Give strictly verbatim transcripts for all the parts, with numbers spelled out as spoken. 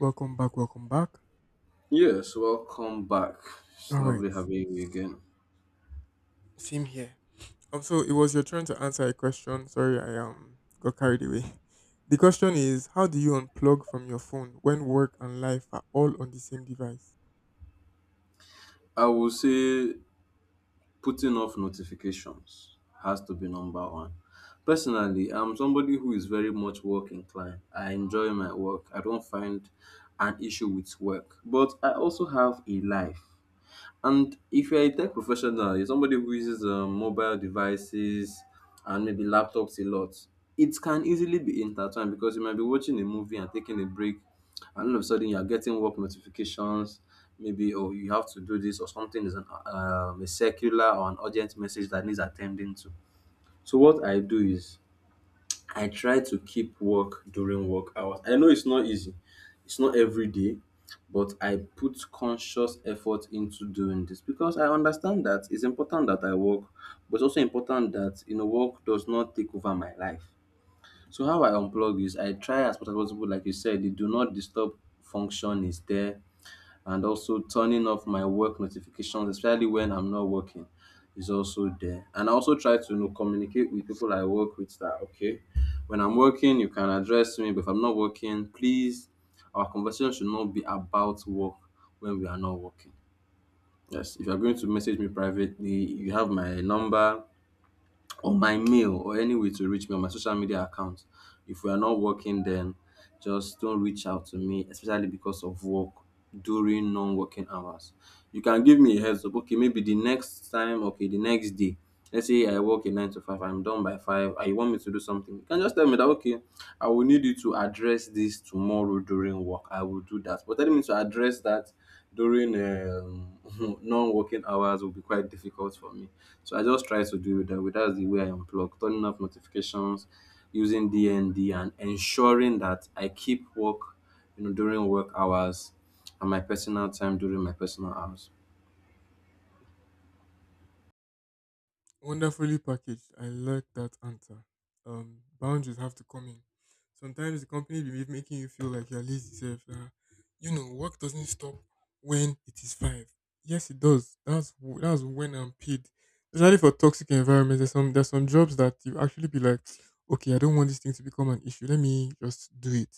Welcome back, welcome back. Yes, welcome back. It's All right, lovely having you again. same here. Um, so it was your turn to answer a question. Sorry, I um got carried away. The question is, how do you unplug from your phone when work and life are all on the same device? I will say putting off notifications has to be number one. Personally, I'm somebody who is very much work inclined. I enjoy my work. I don't find an issue with work. But I also have a life. And if you're a tech professional, you're somebody who uses um, mobile devices and maybe laptops a lot. It can easily be intertwined because you might be watching a movie and taking a break, and all of a sudden you're getting work notifications, maybe, or you have to do this, or something is an uh, um, a circular or an urgent message that needs attending to. So what I do is I try to keep work during work hours. I know it's not easy. It's not every day, but I put conscious effort into doing this because I understand that it's important that I work, but it's also important that you know work does not take over my life. So how I unplug is I try as much as possible, like you said, the do not disturb function is there, and also turning off my work notifications, especially when I'm not working, is also there. And I also try to you know, communicate with people I work with that, okay, when I'm working, you can address me, but if I'm not working, please, our conversation should not be about work when we are not working. Yes, if you're going to message me privately, you have my number or my mail or any way to reach me on my social media account. If we are not working, then just don't reach out to me, especially because of work during non-working hours. You can give me a heads up. Okay, maybe the next time, okay, the next day. Let's say I work a nine to five, I'm done by five, and you want me to do something. You can just tell me that, okay, I will need you to address this tomorrow during work. I will do that. But telling me to address that during um, non-working hours will be quite difficult for me. So I just try to do that. That's the way I unplug: turning off notifications, using D N D, and ensuring that I keep work, you know, during work hours, and my personal time during my personal hours. Wonderfully packaged. I like that answer. Um, boundaries have to come in. Sometimes the company be ma- making you feel like you're lazy self. Uh, you know, work doesn't stop when it is five. Yes, it does. That's w- that's when I'm paid. Especially for toxic environments, there's some there's some jobs that you actually be like, okay, I don't want this thing to become an issue. Let me just do it.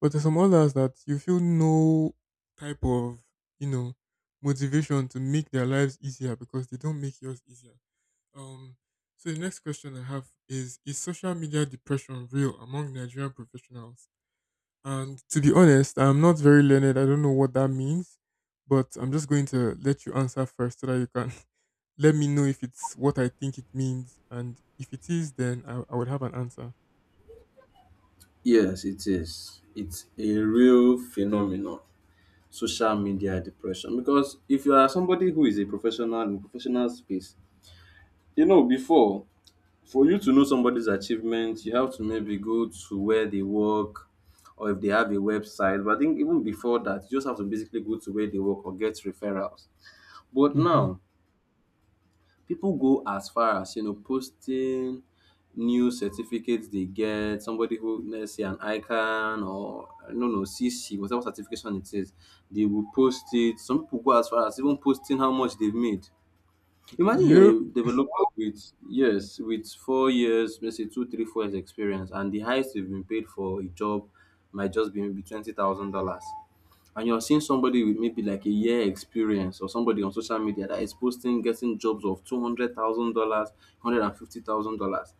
But there's some others that you feel no type of you know motivation to make their lives easier because they don't make yours easier, um, so the next question I have is: is social media depression real among Nigerian professionals? And to be honest, I'm not very learned. I don't know what that means, but I'm just going to let you answer first so that you can let me know if it's what I think it means, and if it is, then I, I would have an answer. Yes, it is. It's a real phenomenon. Social media depression. Because if you are somebody who is a professional in professional space, you know, before, for you to know somebody's achievement, you have to maybe go to where they work or if they have a website. But I think even before that, you just have to basically go to where they work or get referrals. But Mm-hmm. now people go as far as you know posting new certificates they get. Somebody who, let's say, an icon or no no not know C C, whatever certification it is, they will post it. Some people go as far as even posting how much they've made. Imagine Yep, you're a developer with, yes, with four years, let's say two, three, four years experience, and the highest you've been paid for a job might just be maybe twenty thousand dollars, and you're seeing somebody with maybe like a year experience, or somebody on social media that is posting getting jobs of two hundred thousand dollars, hundred and fifty thousand dollars.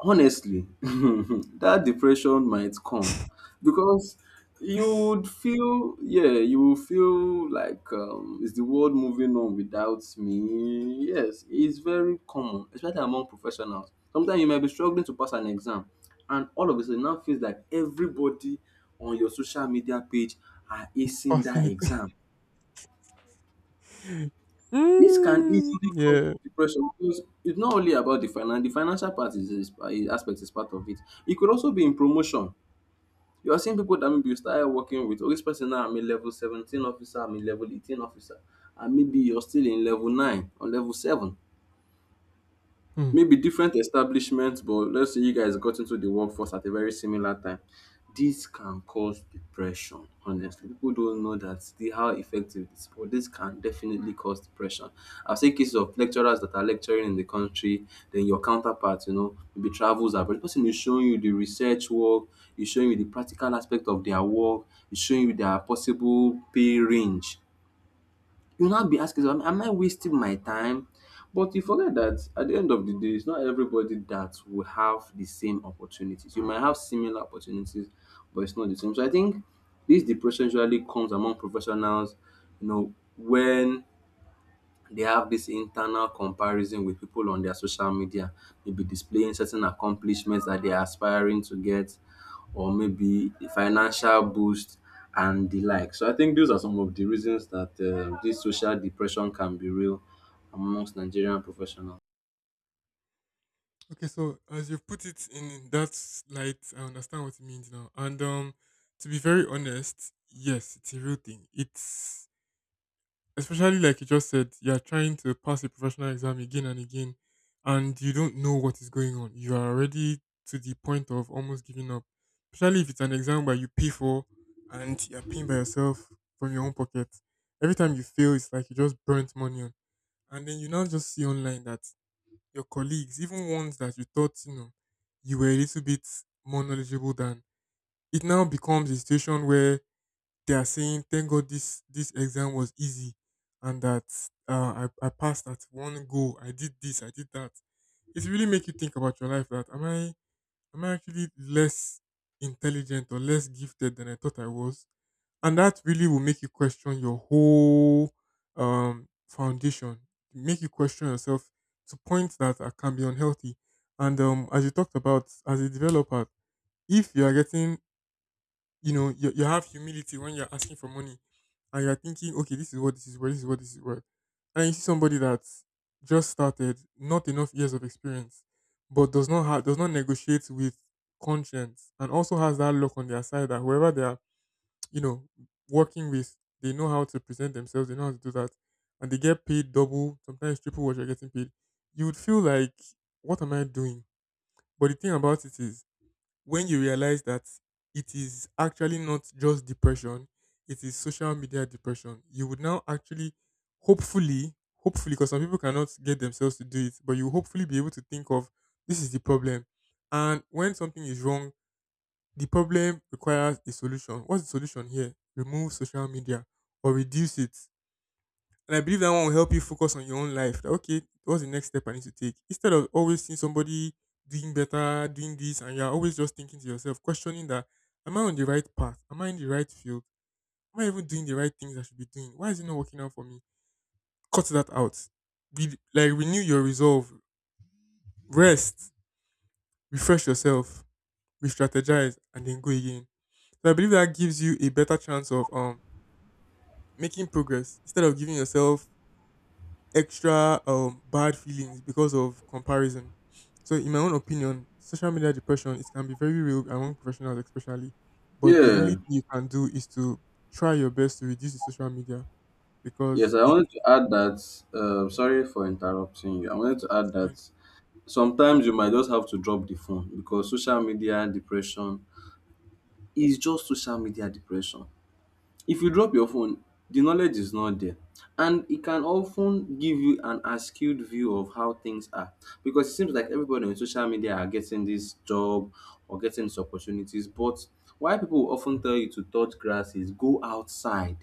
Honestly, that depression might come, because you it's would feel, yeah, you will feel like, um, is the world moving on without me? Yes, it's very common, especially among professionals. Sometimes you might be struggling to pass an exam, and all of a sudden, now feels like everybody on your social media page are acing that passing exam. it. This can Mm, easily cause yeah. depression, because it's not only about the finance. The financial part is is is aspect is part of it. It could also be in promotion. You are seeing people that maybe you started working with, "Oh, this person, now I'm a level seventeen officer, I'm a level eighteen officer," and maybe you're still in level nine or level seven, maybe different establishments, but let's say you guys got into the workforce at a very similar time. This can cause depression, honestly. People don't know that the, how effective it is, but this can definitely cause depression. I've seen cases of lecturers that are lecturing in the country, then your counterpart, you know, maybe travels abroad. The person is showing you the research work, is showing you the practical aspect of their work, is showing you their possible pay range. You'll not be asking yourself, am I wasting my time? But you forget that at the end of the day, it's not everybody that will have the same opportunities. You might have similar opportunities, but it's not the same. So I think this depression usually comes among professionals, you know, when they have this internal comparison with people on their social media, maybe displaying certain accomplishments that they are aspiring to get, or maybe a financial boost and the like. So I think those are some of the reasons that uh, this social depression can be real amongst Nigerian professionals. Okay, so as you've put it in that light, I understand what it means now. And um, to be very honest, yes, it's a real thing. It's especially like you just said, you're trying to pass a professional exam again and again, and you don't know what is going on. You are already to the point of almost giving up. Especially if it's an exam where you pay for and you're paying by yourself from your own pocket. Every time you fail, it's like you just burnt money on. And then you now just see online that your colleagues, even ones that you thought, you know, you were a little bit more knowledgeable than, it now becomes a situation where they are saying, thank God this, this exam was easy and that uh, I, I passed at one go. I did this, I did that. It really make you think about your life that am I am I actually less intelligent or less gifted than I thought I was? And that really will make you question your whole um foundation, make you question yourself to points that are, can be unhealthy. And um, as you talked about, as a developer, if you are getting, you know, you, you have humility when you're asking for money, and you're thinking okay, this is what this is worth, this is what this is worth, and you see somebody that's just started, not enough years of experience, but does not have does not negotiate with conscience, and also has that lock on their side that whoever they are, you know, working with, they know how to present themselves, they know how to do that, and they get paid double, sometimes triple what you're getting paid, you would feel like, what am I doing? But the thing about it is, when you realize that it is actually not just depression, it is social media depression, you would now actually, hopefully, hopefully, because some people cannot get themselves to do it, but you hopefully be able to think of this is the problem. And when something is wrong, the problem requires a solution. What's the solution here? Remove social media or reduce it. And I believe that one will help you focus on your own life. That, okay, what's the next step I need to take? Instead of always seeing somebody doing better, doing this, and you're always just thinking to yourself, questioning that, am I on the right path? Am I in the right field? Am I even doing the right things I should be doing? Why is it not working out for me? Cut that out. Be, like renew your resolve, rest, refresh yourself, re-strategize, and then go again. So I believe that gives you a better chance of um making progress instead of giving yourself extra um bad feelings because of comparison. So in my own opinion, social media depression, it can be very real among professionals especially. But the only Yeah, thing you can do is to try your best to reduce the social media yes, because I it... wanted to add that. Uh, Mhm. Sorry for interrupting you. I wanted to add I- that sometimes you might just have to drop the phone, because social media depression is just social media depression. If you drop your phone, the knowledge is not there. And it can often give you an skewed view of how things are. Because it seems like everybody on social media are getting this job or getting these opportunities. But why people will often tell you to touch grass is: go outside,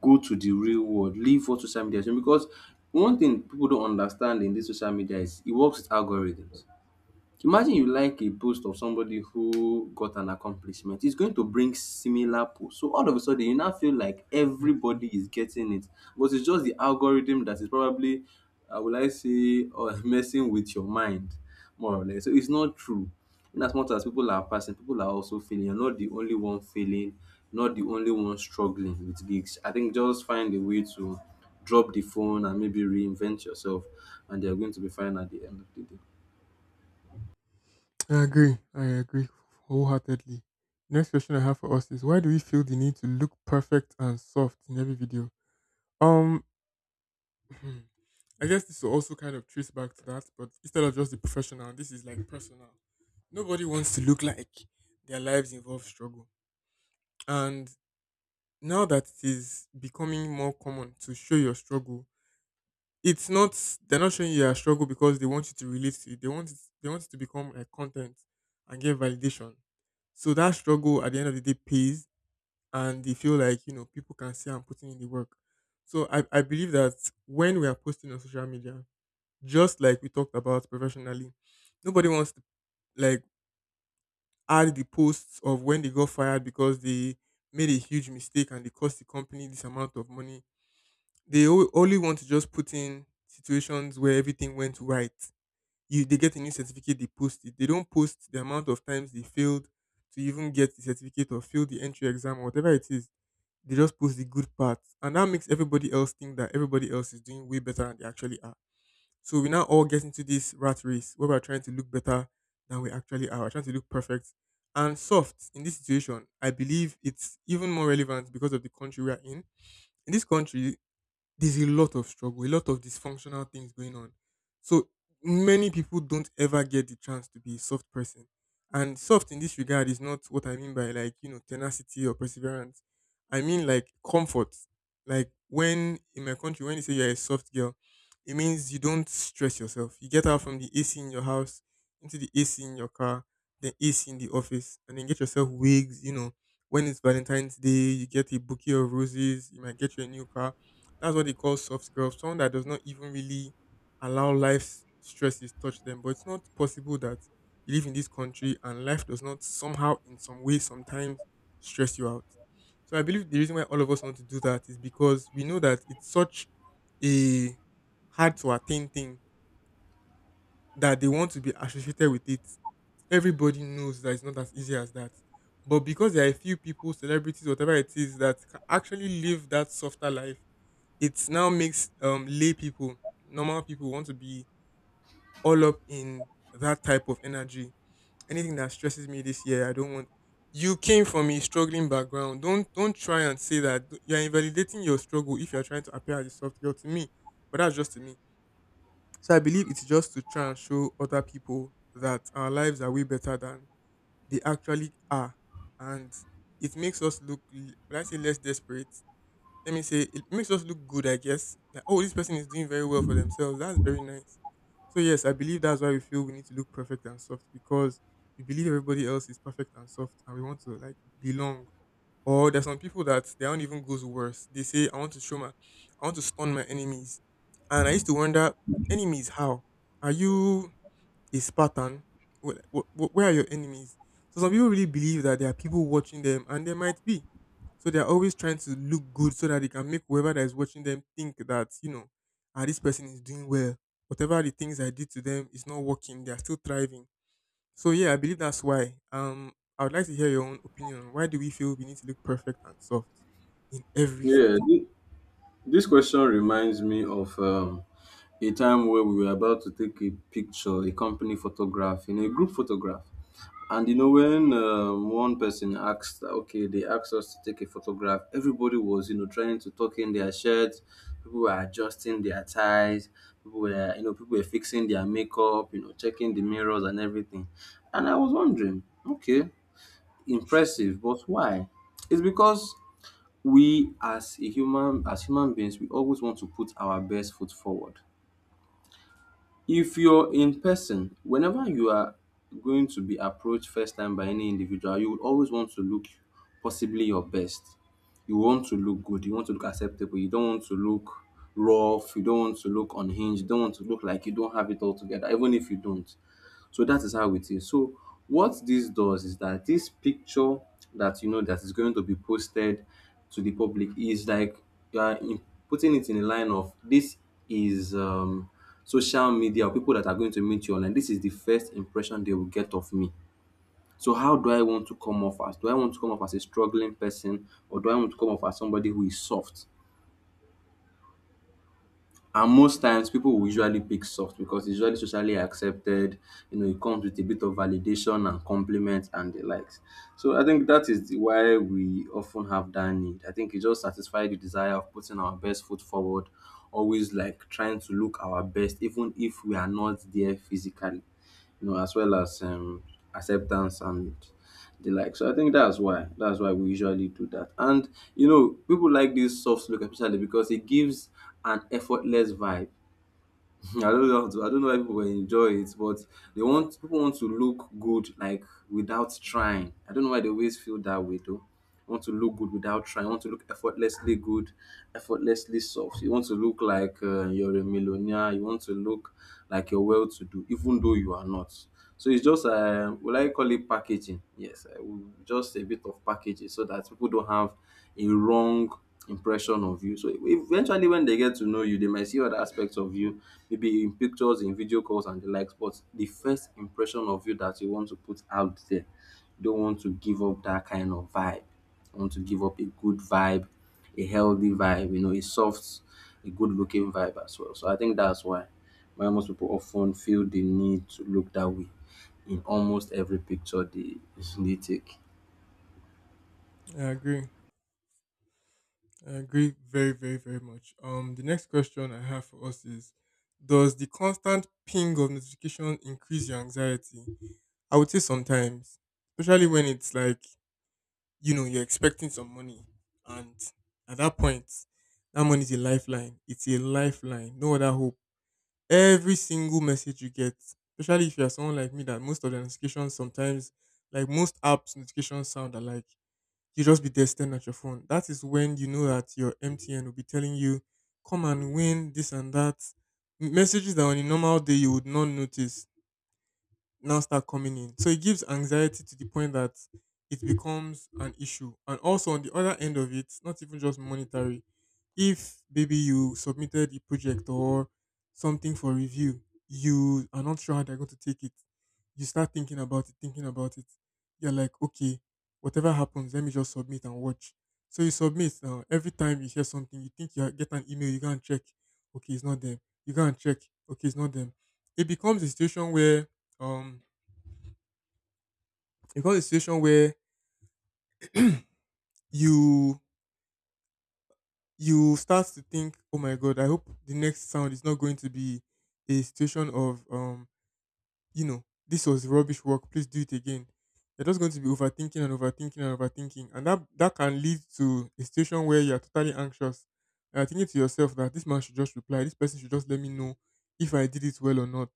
go to the real world, leave what social media is doing. Because one thing people don't understand in this social media is it works with algorithms. Imagine you like a post of somebody who got an accomplishment. It's going to bring similar posts. So all of a sudden, you now feel like exactly. everybody is getting it, but it's just the algorithm that is probably, uh, will I say, or messing with your mind, more or less. So it's not true. In as much as people are passing, people are also feeling. You're not the only one failing, not the only one struggling with gigs. I think just find a way to drop the phone and maybe reinvent yourself, and you're going to be fine at the end of the day. I agree. I agree wholeheartedly. Next question I have for us is why do we feel the need to look perfect and soft in every video? Um I guess this will also kind of trace back to that, but instead of just the professional, this is like personal. Nobody wants to look like their lives involve struggle. And now that it is becoming more common to show your struggle, it's not, they're not showing you your struggle because they want you to relate to it. They want it, they want it to become a content and get validation. So that struggle at the end of the day pays and they feel like, you know, people can see I'm putting in the work. So I, I believe that when we are posting on social media, just like we talked about professionally, nobody wants to like add the posts of when they got fired because they made a huge mistake and they cost the company this amount of money. They o- only want to just put in situations where everything went right. You they get a new certificate, they post it. They don't post the amount of times they failed to even get the certificate or fail the entry exam or whatever it is. They just post the good parts, and that makes everybody else think that everybody else is doing way better than they actually are, so we now all get into this rat race where we're trying to look better than we actually are. We're trying to look perfect. And soft in this situation, I believe it's even more relevant because of the country we are in. In this country, there's a lot of struggle, a lot of dysfunctional things going on. So many people don't ever get the chance to be a soft person. And soft in this regard is not what I mean by like, you know, tenacity or perseverance. I mean like comfort. Like when in my country, when you say you're a soft girl, it means you don't stress yourself. You get out from the A C in your house into the A C in your car, then A C in the office, and then get yourself wigs, you know. When it's Valentine's Day, you get a bouquet of roses, you might get you a new car, that's what they call soft girl, someone that does not even really allow life's stresses touch them. But it's not possible that you live in this country and life does not somehow, in some way, sometimes stress you out. So I believe the reason why all of us want to do that is because we know that it's such a hard to attain thing that they want to be associated with it. Everybody knows that it's not as easy as that. But because there are a few people, celebrities, whatever it is, that can actually live that softer life, it now makes um lay people, normal people want to be all up in that type of energy. Anything that stresses me this year, I don't want, you came from a struggling background. Don't don't try and say that you're invalidating your struggle if you're trying to appear as a soft girl to me. But that's just to me. So I believe it's just to try and show other people that our lives are way better than they actually are. And it makes us look l- would I say less desperate? Let me say it makes us look good, I guess. Like, oh, this person is doing very well for themselves. That's very nice. So yes, I believe that's why we feel we need to look perfect and soft because we believe everybody else is perfect and soft and we want to like belong. Or there's some people that their own even goes worse. They say, I want to show my, I want to stun my enemies. And I used to wonder, enemies how? Are you a Spartan, wh- wh- where are your enemies? So some people really believe that there are people watching them, and there might be. So they're always trying to look good so that they can make whoever that is watching them think that, you know, ah, this person is doing well. Whatever the things I did to them is not working. They are still thriving. So yeah, I believe that's why. Um, I would like to hear your own opinion on why do we feel we need to look perfect and soft in every Yeah. photo? This question reminds me of um, a time where we were about to take a picture, a company photograph, in a group photograph. And you know, when um, one person asked, okay, they asked us to take a photograph, everybody was, you know, trying to tuck in their shirts, people were adjusting their ties, people were, you know, people were fixing their makeup, you know, checking the mirrors and everything. And I was wondering, okay, impressive, but why? It's because we as a human as human beings, we always want to put our best foot forward. If you're in person, whenever you are going to be approached first time by any individual, you would always want to look possibly your best. You want to look good, you want to look acceptable, you don't want to look rough, you don't want to look unhinged, you don't want to look like you don't have it all together, even if you don't. So that is how it is. So what this does is that this picture that you know that is going to be posted to the public is like you are in, putting it in a line of: this is um, social media, or people that are going to meet you online. This is the first impression they will get of me. So how do I want to come off as? Do I want to come off as a struggling person, or do I want to come off as somebody who is soft? And most Hmm. times, people will usually pick soft, because it's usually socially accepted. You know, it comes with a bit of validation and compliments and the likes. So I think that is the- why we often have that need. I think it just satisfies the desire of putting our best foot forward, always like trying to look our best, even if we are not there physically, you know, as well as um, acceptance and the like. So I think that's why that's why we usually do that. And you know, people like this soft look especially because it gives an effortless vibe. I don't hmm. know. how to- I don't know why people will enjoy it, but they want people want, to look good, like, without trying. I don't know why they always feel that way though. Want to look good without trying. Want to look effortlessly good, effortlessly soft. You want to look like, uh, you're a millionaire. You want to look like you're well-to-do, even though you are not, so it's just um will I call it packaging? Yes, I will, just a bit of packaging so that people don't have a wrong impression of you. So eventually when they get to know you, they might see other aspects of you, maybe in pictures, in video calls and the likes, but the first impression of you that you want to put out there, you don't want to give up that kind of vibe. I want to give up a good vibe, a healthy vibe, you know, a soft, a good looking vibe as well. So I think that's why why most people often feel the need to look that way in almost every picture they they take. I agree. I agree very, very, very much. Um, the next question I have for us is: does the constant ping of notification increase your anxiety? I would say sometimes, especially when it's like you know you're expecting some money, and at that point that money is a lifeline. It's a lifeline, no other hope. Every single message you get, especially if you're someone like me that most of the notifications sometimes, like most apps notifications sound alike, you just be there staring at your phone. That is when you know that your mtn will be telling you come and win this and that. Messages that on a normal day you would not notice now start coming in. So it gives anxiety to the point that it becomes an issue. And also on the other end of it, not even just monetary, if maybe you submitted a project or something for review, you are not sure how they're going to take it. You start thinking about it, thinking about it. You're like, okay, whatever happens, let me just submit and watch. So you submit now. Every time you hear something, you think you are- get an email, you go and check. Okay, it's not them. You go and check. Okay, it's not them. It becomes a situation where um it becomes a situation where you you start to think, oh my god, I hope the next sound is not going to be a situation of um you know this was rubbish work, please do it again. You're just going to be overthinking and overthinking and overthinking, and that that can lead to a situation where you're totally anxious. And you're thinking to yourself that this man should just reply, this person should just let me know if I did it well or not.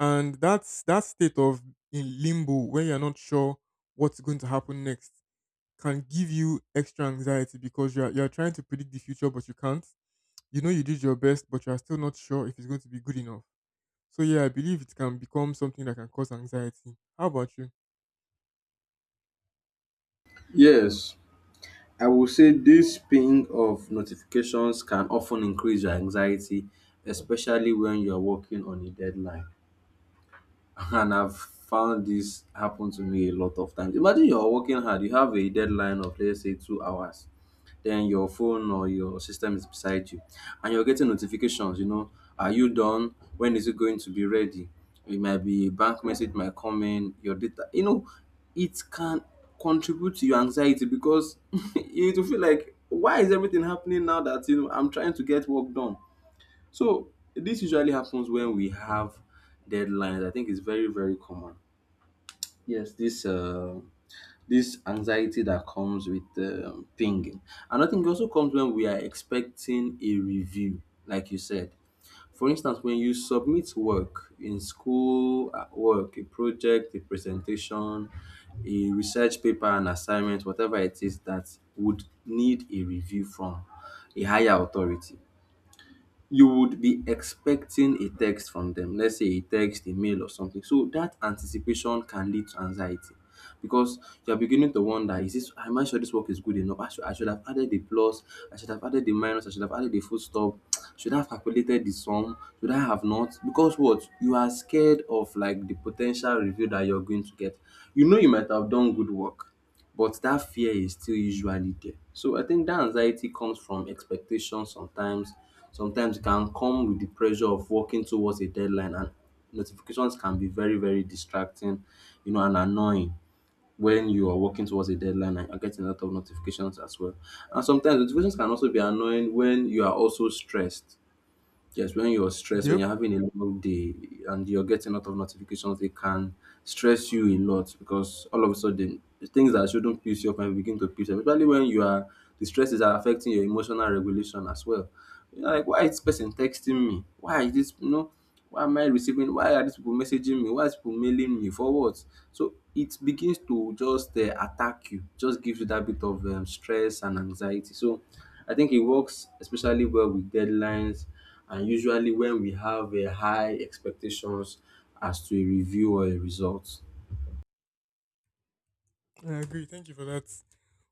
And that's that state of in limbo where you're not sure what's going to happen next can give you extra anxiety because you're you're trying to predict the future but you can't. You know you did your best but you're still not sure if it's going to be good enough. So yeah, I believe it can become something that can cause anxiety. How about you? Yes, I will say this ping of notifications can often increase your anxiety, especially when you are working on a deadline. And I've found this happen to me a lot of times. Imagine you're working hard, you have a deadline of let's say two hours, then your phone or your system is beside you, and you're getting notifications. You know, are you done? When is it going to be ready? It might be, bank message might come in, your data. You know, it can contribute to your anxiety because you will feel like, why is everything happening now that, you know, I'm trying to get work done. So this usually happens when we have deadlines. I think it's very, very common. Yes, this uh, this anxiety that comes with um, pinging, and I also comes when we are expecting a review, like you said. For instance, when you submit work in school, at work, a project, a presentation, a research paper, an assignment, whatever it is that would need a review from a higher authority, you would be expecting a text from them, let's say a text, a mail, or something. So that anticipation can lead to anxiety because you're beginning to wonder, is this, am I sure this work is good enough? I should, I should have added the plus, I should have added the minus, I should have added the full stop, should I have calculated the sum, should I have not, because what you are scared of, like the potential review that you're going to get, you know, you might have done good work, but that fear is still usually there. So I think that anxiety comes from expectation sometimes. Sometimes it can come with the pressure of working towards a deadline, and notifications can be very, very distracting, you know, and annoying when you are working towards a deadline and you're getting a lot of notifications as well. And sometimes notifications can also be annoying when you are also stressed. Yes, when you're stressed, when Yep, you're having a long day and you're getting a lot of notifications, it can stress you a lot, because all of a sudden things that shouldn't piss you off can begin to piss you off, especially when you are, the stresses are affecting your emotional regulation as well. You're like, why is this person texting me? Why is this, you know, why am I receiving, why are these people messaging me, why is people mailing me for what? So it begins to just uh, attack you, just gives you that bit of um, stress and anxiety. So I think it works especially well with deadlines and usually when we have a high expectations as to a review or a result. I agree. Thank you for that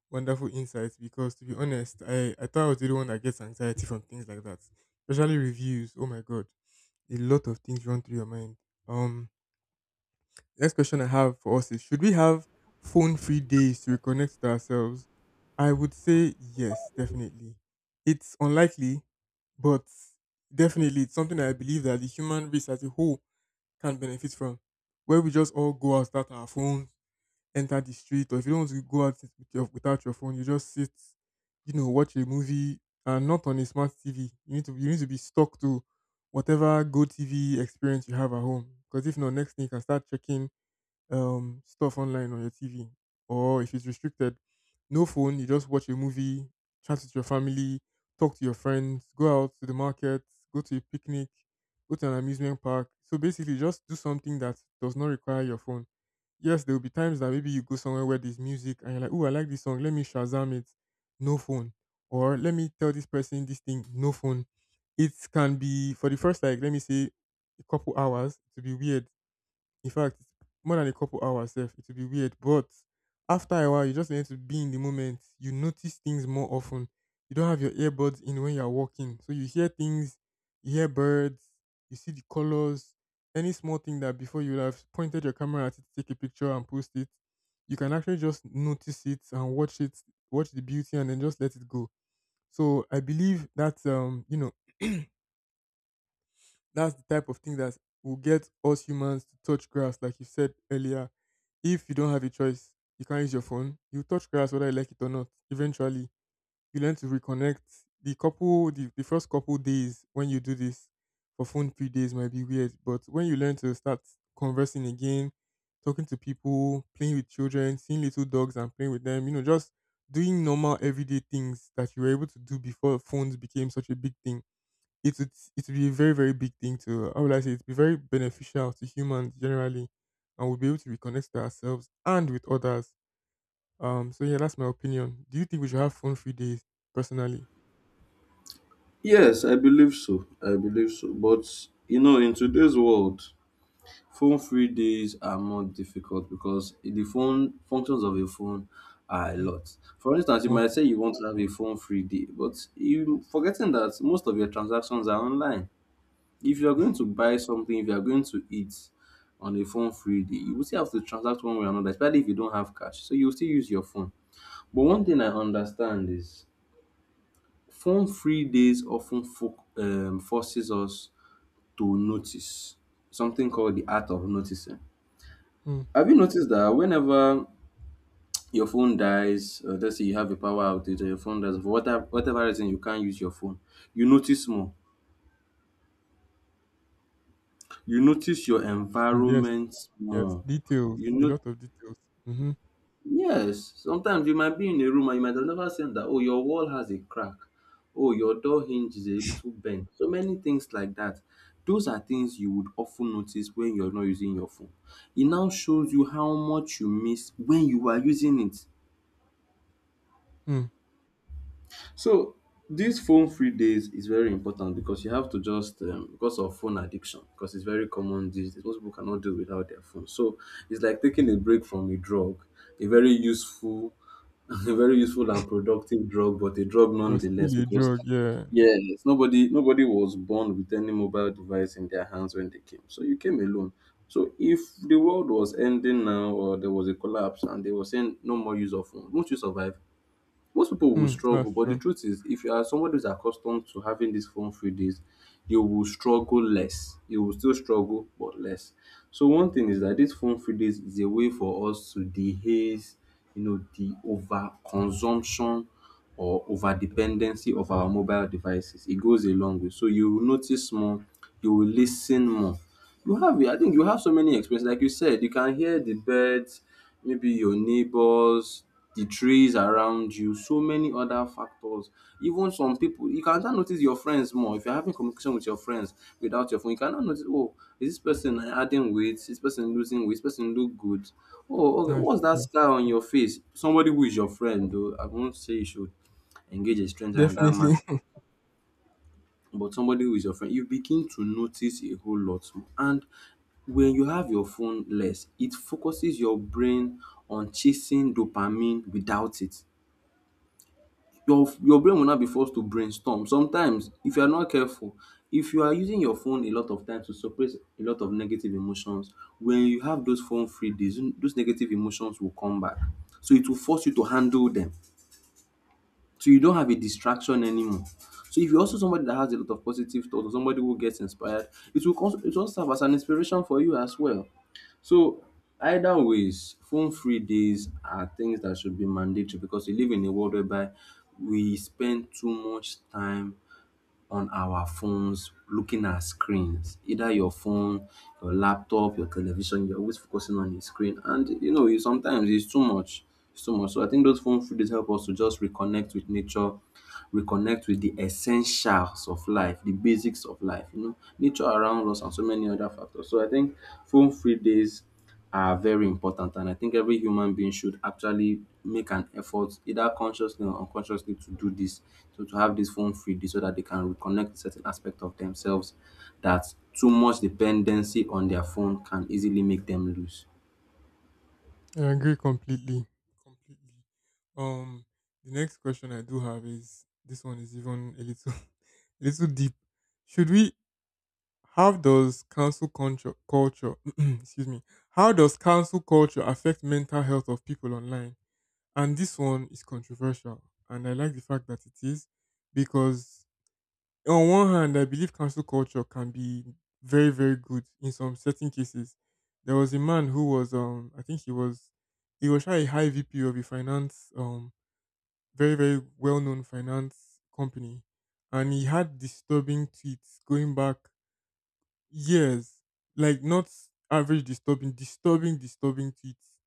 wonderful insight because to be honest, I, I thought I was the only one that gets anxiety from things like that. Especially reviews. Oh my god. A lot of things run through your mind. Um Next question I have for us is should we have phone free days to reconnect to ourselves? I would say yes, definitely. It's unlikely, but definitely it's something that I believe that the human race as a whole can benefit from. Where we just all go out, start our phones, enter the street, or if you don't want to go out with your, without your phone, you just sit, you know, watch a movie and not on a smart T V. You need to you need to be stuck to whatever Go T V experience you have at home. Because if not, next thing you can start checking um, stuff online on your T V. Or if it's restricted, no phone, you just watch a movie, chat with your family, talk to your friends, go out to the market, go to a picnic, go to an amusement park. So basically, just do something that does not require your phone. Yes, there will be times that maybe you go somewhere where there's music and you're like, oh, I like this song, let me Shazam it, no phone. Or let me tell this person this thing, no phone. It can be for the first, like, let me say, a couple hours to be weird, in fact, more than a couple hours sef, it will be weird. But after a while, you just learn to be in the moment. You notice things more often. You don't have your earbuds in when you're walking. So you hear things, you hear birds, you see the colors, any small thing that before you would have pointed your camera at it to take a picture and post it, you can actually just notice it and watch it, watch the beauty and then just let it go. So I believe that um, you know, that's the type of thing that will get us humans to touch grass, like you said earlier. If you don't have a choice, you can't use your phone. You touch grass whether you like it or not. Eventually, you learn to reconnect. The couple, the, the first couple days when you do this for phone free days might be weird, but when you learn to start conversing again, talking to people, playing with children, seeing little dogs and playing with them, you know, just doing normal everyday things that you were able to do before phones became such a big thing, it would it would be a very very big thing to how would I say it'd be very beneficial to humans generally, and we'll be able to reconnect to ourselves and with others. Um, so yeah, that's my opinion. Do you think we should have phone free days? Personally, Yes, I believe so. I believe so. But you know, in today's world, phone free days are more difficult because the phone functions of a phone are a mm, lot. For instance, you might say you multiple. want to have a phone free day, but you forgetting that most of your transactions are online. If you are going to buy something, if you are going to eat on a phone free day, you will still have to transact one way or another, especially if you don't have cash. So you will still use your phone. But one thing I understand is phone free days often fo- um, forces us to notice something called the art of noticing. Mm, Have you noticed that whenever your phone dies, uh, let's say you have a power outage or your phone dies, for whatever, whatever reason you can't use your phone, you notice more. You notice your true, yes, environment yes, more. details, You a know, lot of details. Mm-hmm. yes. Sometimes you might be in a room and you might have never seen that. Oh, your wall has a crack. Oh, your door hinge is a little bent. So many things like that. Those are things you would often notice when you're not using your phone. It now shows you how much you miss when you are using it. Mm. So these phone free days is very important, because you have to just, um, because of phone addiction, because it's very common these days. Most people cannot do without their phone. So it's like taking a break from a drug, a very useful, a very useful and productive drug, but a drug But nonetheless. still a Because drug, yeah. yes, nobody nobody was born with any mobile device in their hands when they came. So you came alone. So if the world was ending now or there was a collapse and they were saying no more use of phone, won't you survive? Most people will Mm, that's struggle, but the true. truth is, if you are somebody who's accustomed to having these phone free days, you will struggle less. You will still struggle, but less. So one thing is that these phone free days is a way for us to dehaze, you know, the over consumption or over dependency of our mobile devices. It goes a long way. So you will notice more, you will listen more. You have, I think you have so many experiences. Like you said, you can hear the birds, maybe your neighbors, the trees around you, so many other factors. Even some people, you can now notice your friends more. If you're having communication with your friends without your phone, you can now notice, oh, is this person adding weight? Is this person losing weight? Is this person look good? Oh, okay. That's What's that true. scar on your face? Somebody who is your friend, though, I won't say you should engage a stranger in that manner, Definitely. but somebody who is your friend, you begin to notice a whole lot more. And when you have your phone less, it focuses your brain on chasing dopamine without it. your your brain will now be forced to brainstorm. Sometimes, if you are not careful, if you are using your phone a lot of times to suppress a lot of negative emotions, when you have those phone free days, those negative emotions will come back. So it will force you to handle them. So you don't have a distraction anymore. So if you're also somebody that has a lot of positive thoughts or somebody who gets inspired, it will also it will also serve as an inspiration for you as well. So either ways, phone free days are things that should be mandatory, because we live in a world whereby we spend too much time on our phones looking at screens, either your phone, your laptop, your television, you're always focusing on a screen, and you know it- sometimes it's too much. It's too much So I think those phone free days help us to just reconnect with nature, reconnect with the essentials of life, the basics of life, you know, nature around us and so many other factors. So I think phone free days are very important, and I think every human being should actually make an effort either consciously or unconsciously to do this, so to have this phone free day so that they can reconnect certain aspect of themselves that too much dependency on their phone can easily make them lose. I agree completely. Completely. Um, the next question I do have is this one is even a little, a little deep. Should we? How does council culture, culture, excuse me, how does council culture affect mental health of people online? And this one is controversial, and I like the fact that it is because on one hand, I believe cancel culture can be very, very good in some certain cases. There was a man who was, um, I think he was, he was actually a high V P of a finance, um, very, very well-known finance company, and he had disturbing tweets going back years, like not average disturbing, disturbing, disturbing tweets,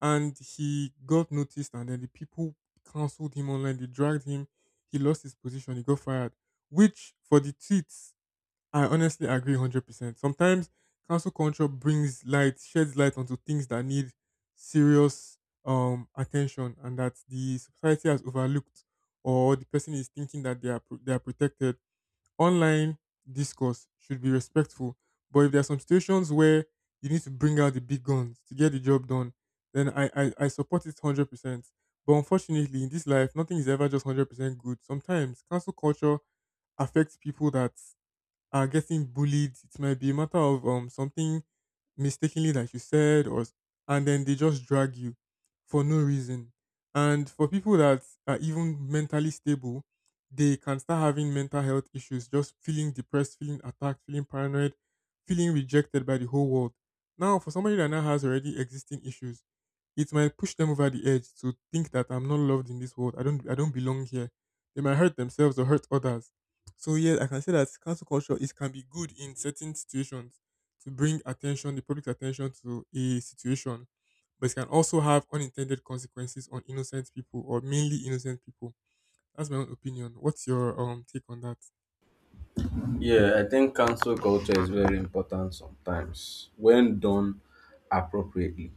and he got noticed, and then the people cancelled him online. They dragged him. He lost his position. He got fired, which for the tweets I honestly agree one hundred percent. Sometimes cancel culture brings light, sheds light onto things that need serious um, attention and that the society has overlooked, or the person is thinking that they are, pro- they are protected. Online discourse should be respectful, but if there are some situations where you need to bring out the big guns to get the job done, then I, I, I support it one hundred percent. But unfortunately, in this life, nothing is ever just one hundred percent good. Sometimes cancel culture affects people that are getting bullied. It might be a matter of um something mistakenly that you said, or s- and then they just drag you for no reason. And for people that are even mentally stable, they can start having mental health issues, just feeling depressed, feeling attacked, feeling paranoid, feeling rejected by the whole world. Now, for somebody that now has already existing issues, it might push them over the edge to think that I'm not loved in this world. I don't I don't belong here. They might hurt themselves or hurt others. So yes, I can say that cancel culture is can be good in certain situations to bring attention, the public's attention to a situation, but it can also have unintended consequences on innocent people or mainly innocent people. That's my own opinion. What's your um take on that? Yeah, I think cancel culture is very important sometimes when done appropriately,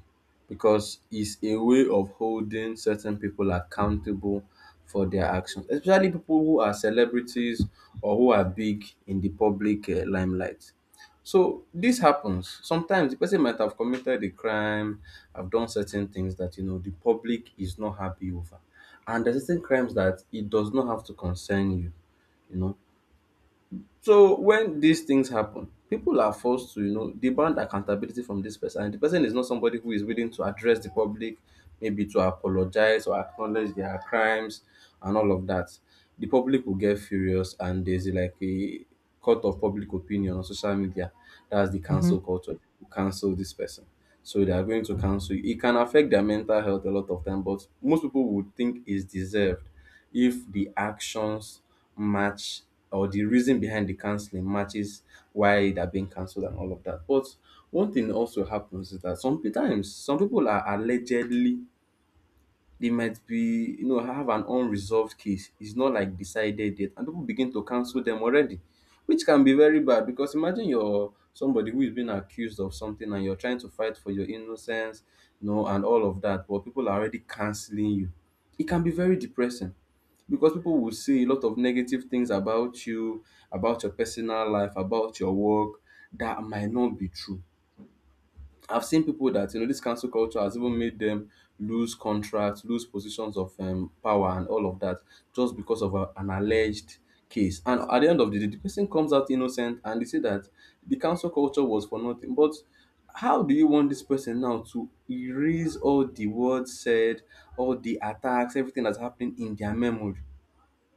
because it's a way of holding certain people accountable for their actions, especially people who are celebrities or who are big in the public uh, limelight. So this happens. Sometimes the person might have committed a crime, have done certain things that you know the public is not happy over. And there's certain crimes that it does not have to concern you, you know. So when these things happen, people are forced to, you know, demand accountability from this person. And the person is not somebody who is willing to address the public, maybe to apologize or acknowledge their crimes and all of that. The public will get furious, and there's like a court of public opinion on social media. That's the Mm-hmm. cancel culture. People cancel this person. So they are going to cancel. It can affect their mental health a lot of time, but most people would think is deserved if the actions match or the reason behind the canceling matches why they're being cancelled and all of that. But one thing also happens is that sometimes some people are allegedly, they might be, you know, have an unresolved case, it's not like decided yet, and people begin to cancel them already, which can be very bad, because imagine you're somebody who is being accused of something and you're trying to fight for your innocence, you know, and all of that, but people are already canceling you. It can be very depressing, because people will say a lot of negative things about you, about your personal life, about your work, that might not be true. I've seen people that, you know, this cancel culture has even made them lose contracts, lose positions of um, power, and all of that, just because of a, an alleged case. And at the end of the day, the person comes out innocent, and they say that the cancel culture was for nothing. But how do you want this person now to erase all the words said, all the attacks, everything that's happening in their memory?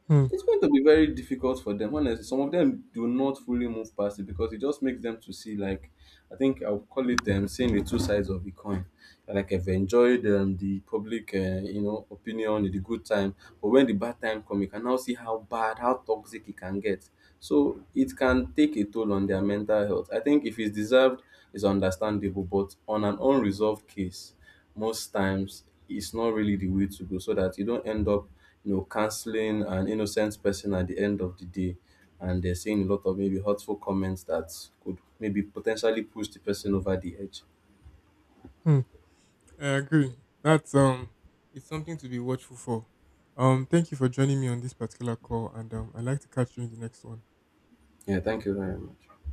Mm-hmm. It's going to be very difficult for them. Honestly, some of them do not fully move past it, because it just makes them to see like, I think I'll call it them seeing the two sides of the coin. Like, I've enjoyed um, the public, uh, you know, opinion, in the good time, but when the bad time come, you can now see how bad, how toxic it can get. So it can take a toll on their mental health. I think if it's deserved, it's understandable, but on an unresolved case, most times it's not really the way to go, so that you don't end up, you know, canceling an innocent person at the end of the day, and they're saying a lot of maybe hurtful comments that could maybe potentially push the person over the edge. I agree. That's um it's something to be watchful for. Um thank you for joining me on this particular call, and um I'd like to catch you in the next one. Yeah, thank you very much.